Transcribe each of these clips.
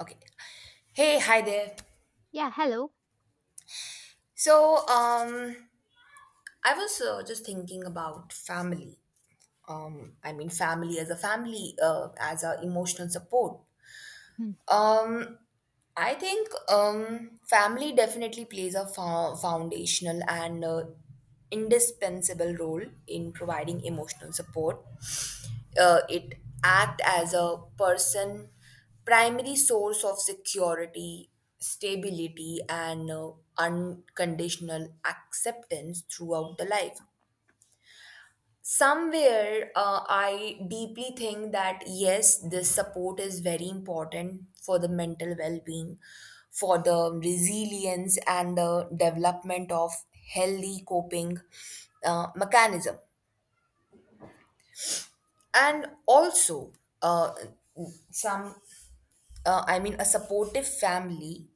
Okay. Hey, hi there. Yeah, hello. So I was just thinking about family. I mean, family, as a emotional support. Hmm. Um, I think family definitely plays a foundational and indispensable role in providing emotional support. It acts as a person primary source of security, stability, and unconditional acceptance throughout the life. Somewhere, I deeply think that yes, this support is very important for the mental well being, for the resilience, and the development of healthy coping mechanism. And also, uh, some I mean, a supportive family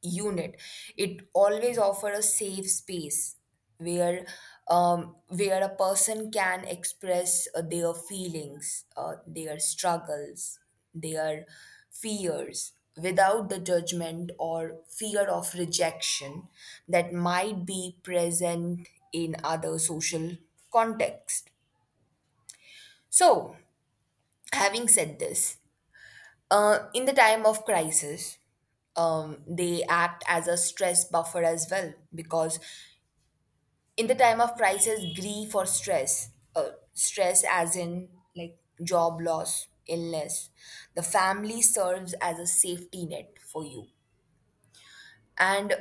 unit. It always offers a safe space where where a person can express their feelings, their struggles, their fears without the judgment or fear of rejection that might be present in other social context. So, having said this, in the time of crisis, they act as a stress buffer as well because in the time of crisis, grief or stress, stress as in like job loss, illness, the family serves as a safety net for you. And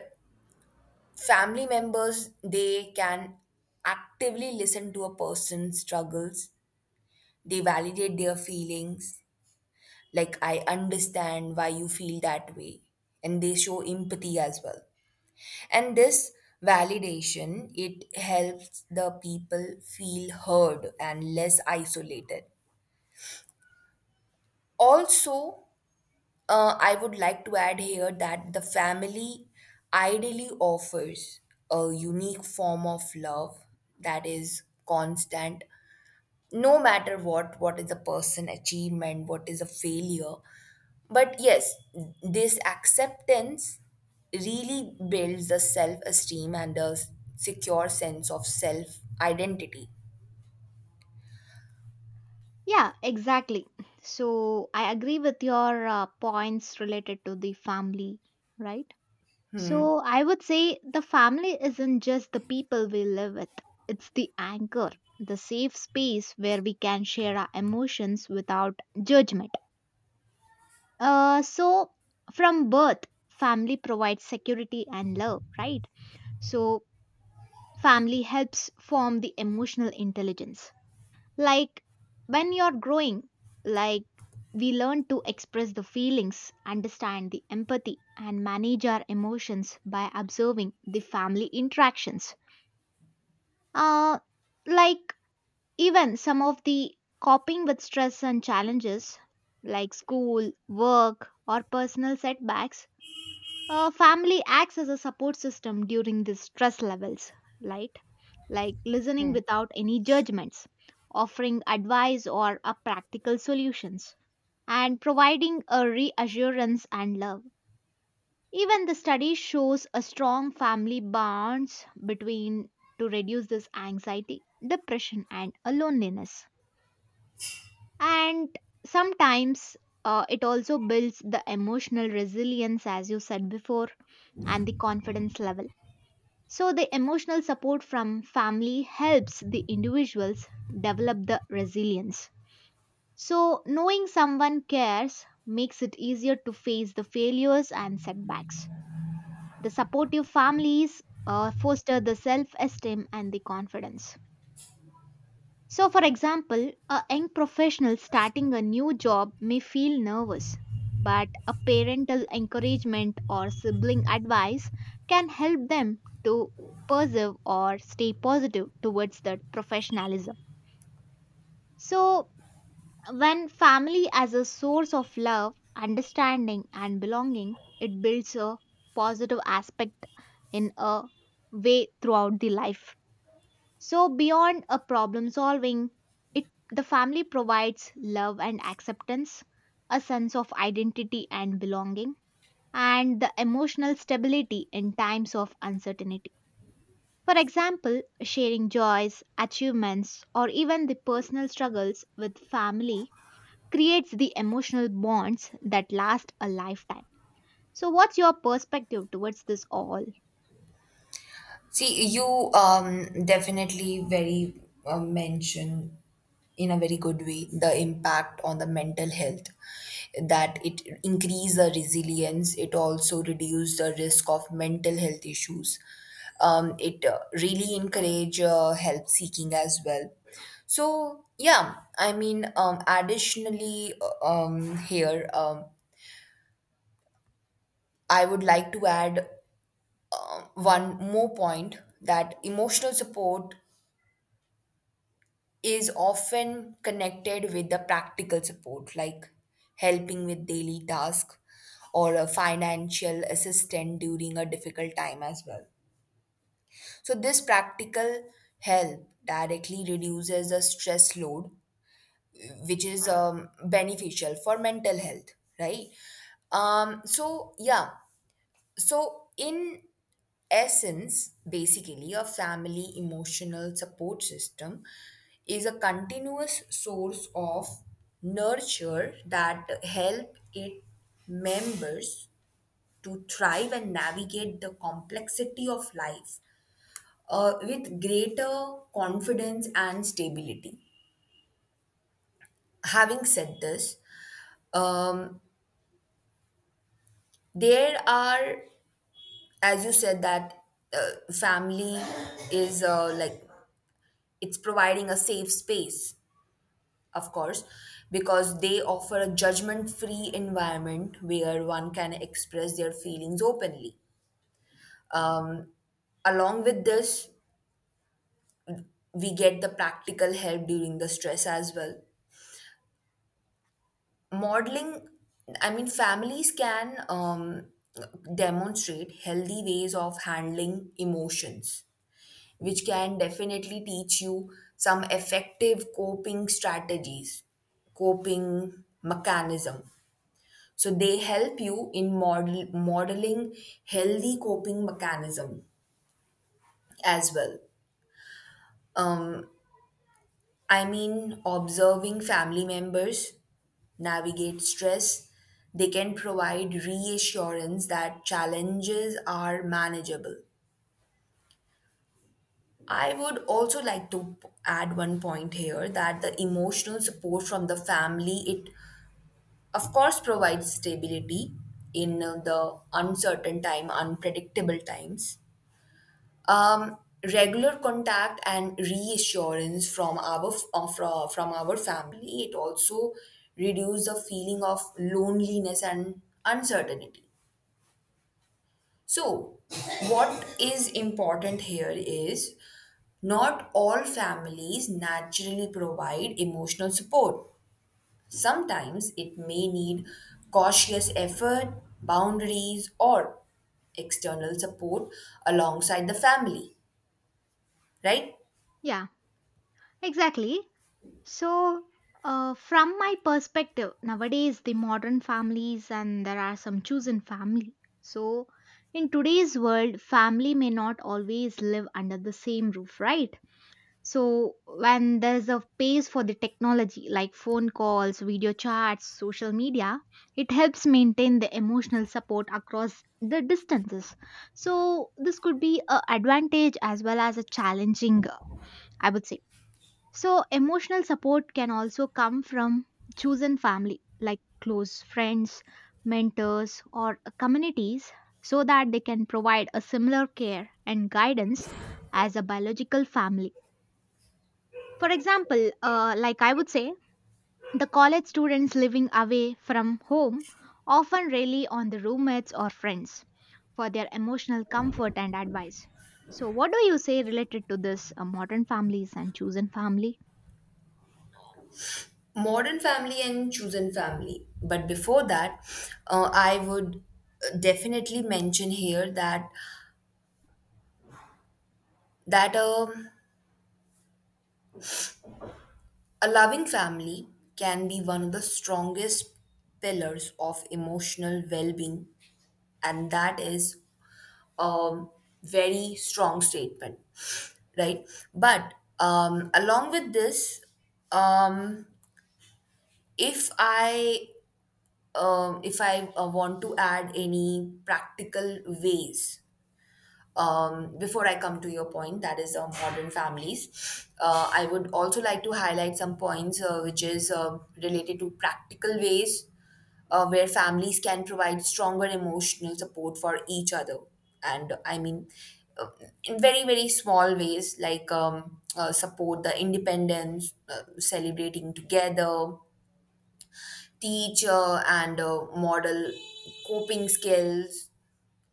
family members, they can actively listen to a person's struggles, they validate their feelings, like I understand why you feel that way, and they show empathy as well. And this validation, it helps the people feel heard and less isolated. Also, I would like to add here that the family ideally offers a unique form of love that is constant, no matter what is a person achievement, what is a failure. But yes, this acceptance really builds the self esteem and a secure sense of self identity. Yeah, exactly. So I agree with your points related to the family, right? So I would say the family isn't just the people we live with, it's the anchor, the safe space where we can share our emotions without judgment. So from birth, family provides security and love, right? So family helps form the emotional intelligence. Like when you're growing, like we learn to express the feelings, understand the empathy, and manage our emotions by observing the family interactions. Uh, like even some of the coping with stress and challenges, like school, work, or personal setbacks, family acts as a support system during these stress levels, right? Like listening without any judgments, offering advice or a practical solutions, and providing a reassurance and love. Even the study shows a strong family bonds between to reduce this anxiety, depression, and a loneliness. And sometimes it also builds the emotional resilience, as you said before, and the confidence level. So, the emotional support from family helps the individuals develop the resilience. So, knowing someone cares makes it easier to face the failures and setbacks. The supportive families foster the self esteem and the confidence. So, for example, a young professional starting a new job may feel nervous, but a parental encouragement or sibling advice can help them to persevere or stay positive towards that professionalism. So, when family as a source of love, understanding, and belonging, it builds a positive aspect in a way throughout the life. So beyond a problem solving, it the family provides love and acceptance, a sense of identity and belonging, and the emotional stability in times of uncertainty. For example, sharing joys, achievements, or even the personal struggles with family creates the emotional bonds that last a lifetime. So what's your perspective towards this all? See, you definitely very mention in a very good way the impact on the mental health, that it increase the resilience, it also reduce the risk of mental health issues. It really encourage help seeking as well. So yeah, I mean, additionally here I would like to add one more point, that emotional support is often connected with the practical support, like helping with daily tasks or a financial assistance during a difficult time as well. So this practical help directly reduces the stress load, which is beneficial for mental health, right? Um so yeah so in essence, basically, a family emotional support system is a continuous source of nurture that help it members to thrive and navigate the complexity of life with greater confidence and stability. Having said this, um, there are, as you said, that family is like it's providing a safe space, of course, because they offer a judgment free environment where one can express their feelings openly. Um, Along with this, we get the practical help during the stress as well. Modeling, I mean, families can demonstrate healthy ways of handling emotions, which can definitely teach you some effective coping strategies, coping mechanism. So they help you in modeling healthy coping mechanism as well. Um, I mean, observing family members navigate stress, they can provide reassurance that challenges are manageable. I would also like to add one point here that the emotional support from the family, it of course provides stability in the uncertain time, unpredictable times. um, Regular contact and reassurance from our from our family, it also reduces the feeling of loneliness and uncertainty. So what is important here is, not all families naturally provide emotional support. Sometimes it may need cautious effort, boundaries, or external support alongside the family, right? Yeah, exactly. So, from my perspective, nowadays the modern families and there are some chosen family. So, in today's world, family may not always live under the same roof, right? So, when there's a pace for the technology like phone calls, video chats, social media, it helps maintain the emotional support across the distances. So, this could be an advantage as well as a challenging. I would say. So, emotional support can also come from chosen family, like close friends, mentors, or communities, so that they can provide a similar care and guidance as a biological family. For example, like I would say, the college students living away from home often rely on the roommates or friends for their emotional comfort and advice. So, what do you say related to this modern families and chosen family? Modern Family and Chosen Family. But before that, I would definitely mention here that a loving family can be one of the strongest pillars of emotional well-being, and that is a very strong statement, right? But along with this, um, if I if I want to add any practical ways, before I come to your point, that is modern families, I would also like to highlight some points which is related to practical ways where families can provide stronger emotional support for each other. And I mean, uh, in very, very small ways, like support the independence, celebrating together, teach and model coping skills,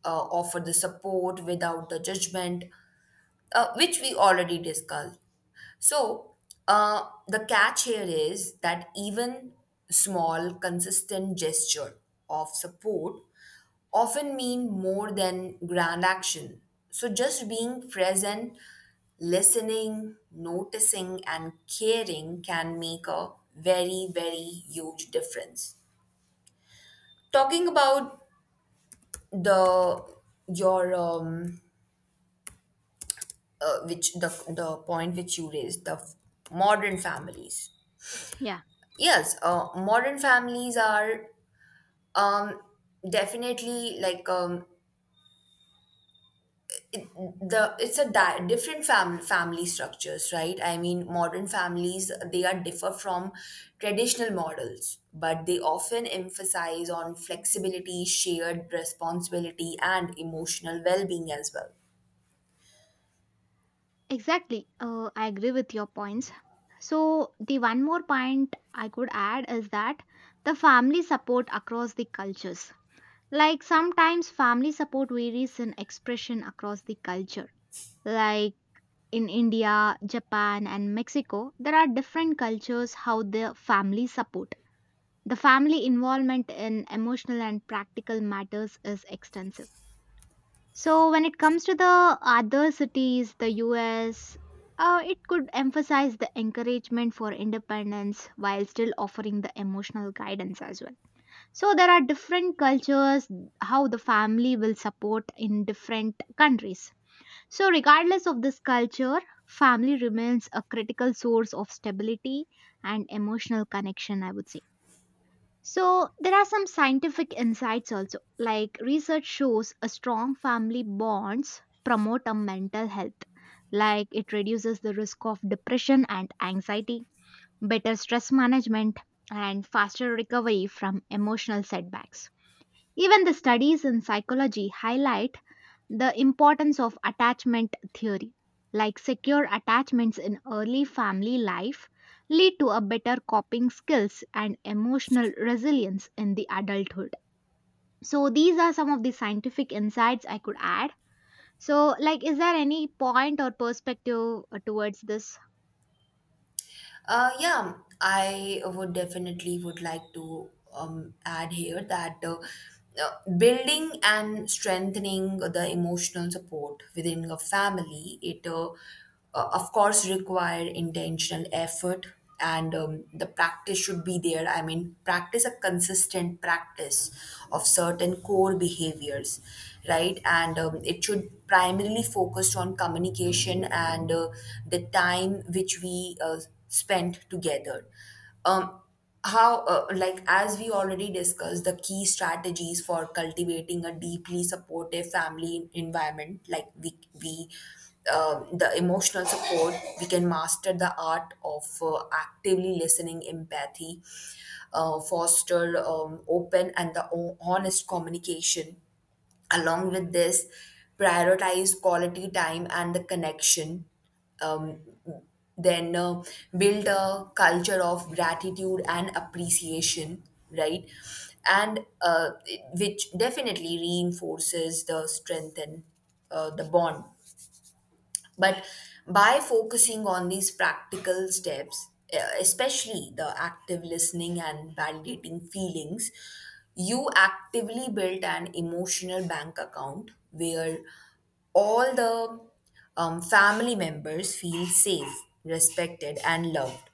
offer the support without the judgment, which we already discussed. So, the catch here is that even small, consistent gesture of support often mean more than grand action. So, just being present, listening, noticing, and caring can make a very, very huge difference. Talking about the your um, uh, which the the point which you raised, the modern families. Yeah. Yes, modern families are um definitely like, the it's a different family structures, right? I mean, modern families, they are differ from traditional models, but they often emphasize on flexibility, shared responsibility, and emotional well-being as well. Exactly. I agree with your points. So, the one more point I could add is that the family support across the cultures. Like sometimes family support varies in expression across the culture. Like in India, Japan, and Mexico, there are different cultures how the family support. The family involvement in emotional and practical matters is extensive. So, when it comes to the other cities, the US, it could emphasize the encouragement for independence while still offering the emotional guidance as well. So, there are different cultures, how the family will support in different countries. So, regardless of this culture, family remains a critical source of stability and emotional connection, I would say. So, there are some scientific insights also, like research shows a strong family bonds promote a mental health, like it reduces the risk of depression and anxiety, better stress management, and faster recovery from emotional setbacks. Even the studies in psychology highlight the importance of attachment theory, like secure attachments in early family life, lead to a better coping skills and emotional resilience in the adulthood. So these are some of the scientific insights I could add. So like is there any point or perspective towards this? Yeah, I would definitely would like to add here that building and strengthening the emotional support within a family, it of course require intentional effort, and the practice should be there, I mean practice, a consistent practice of certain core behaviors, right? And it should primarily focus on communication and the time which we spent together. Um, How like as we already discussed, the key strategies for cultivating a deeply supportive family environment, like we the emotional support, we can master the art of actively listening, empathy, foster open and the honest communication. Along with this, prioritize quality time and the connection, um, then build a culture of gratitude and appreciation, right? And which definitely reinforces the strength and the bond. But by focusing on these practical steps, especially the active listening and validating feelings, you actively build an emotional bank account where all the family members feel safe, respected, and loved,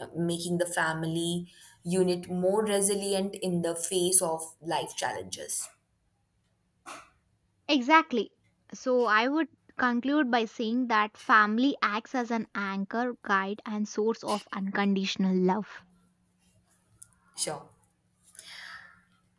making the family unit more resilient in the face of life challenges. Exactly. So I would conclude by saying that family acts as an anchor, guide and source of unconditional love. Sure.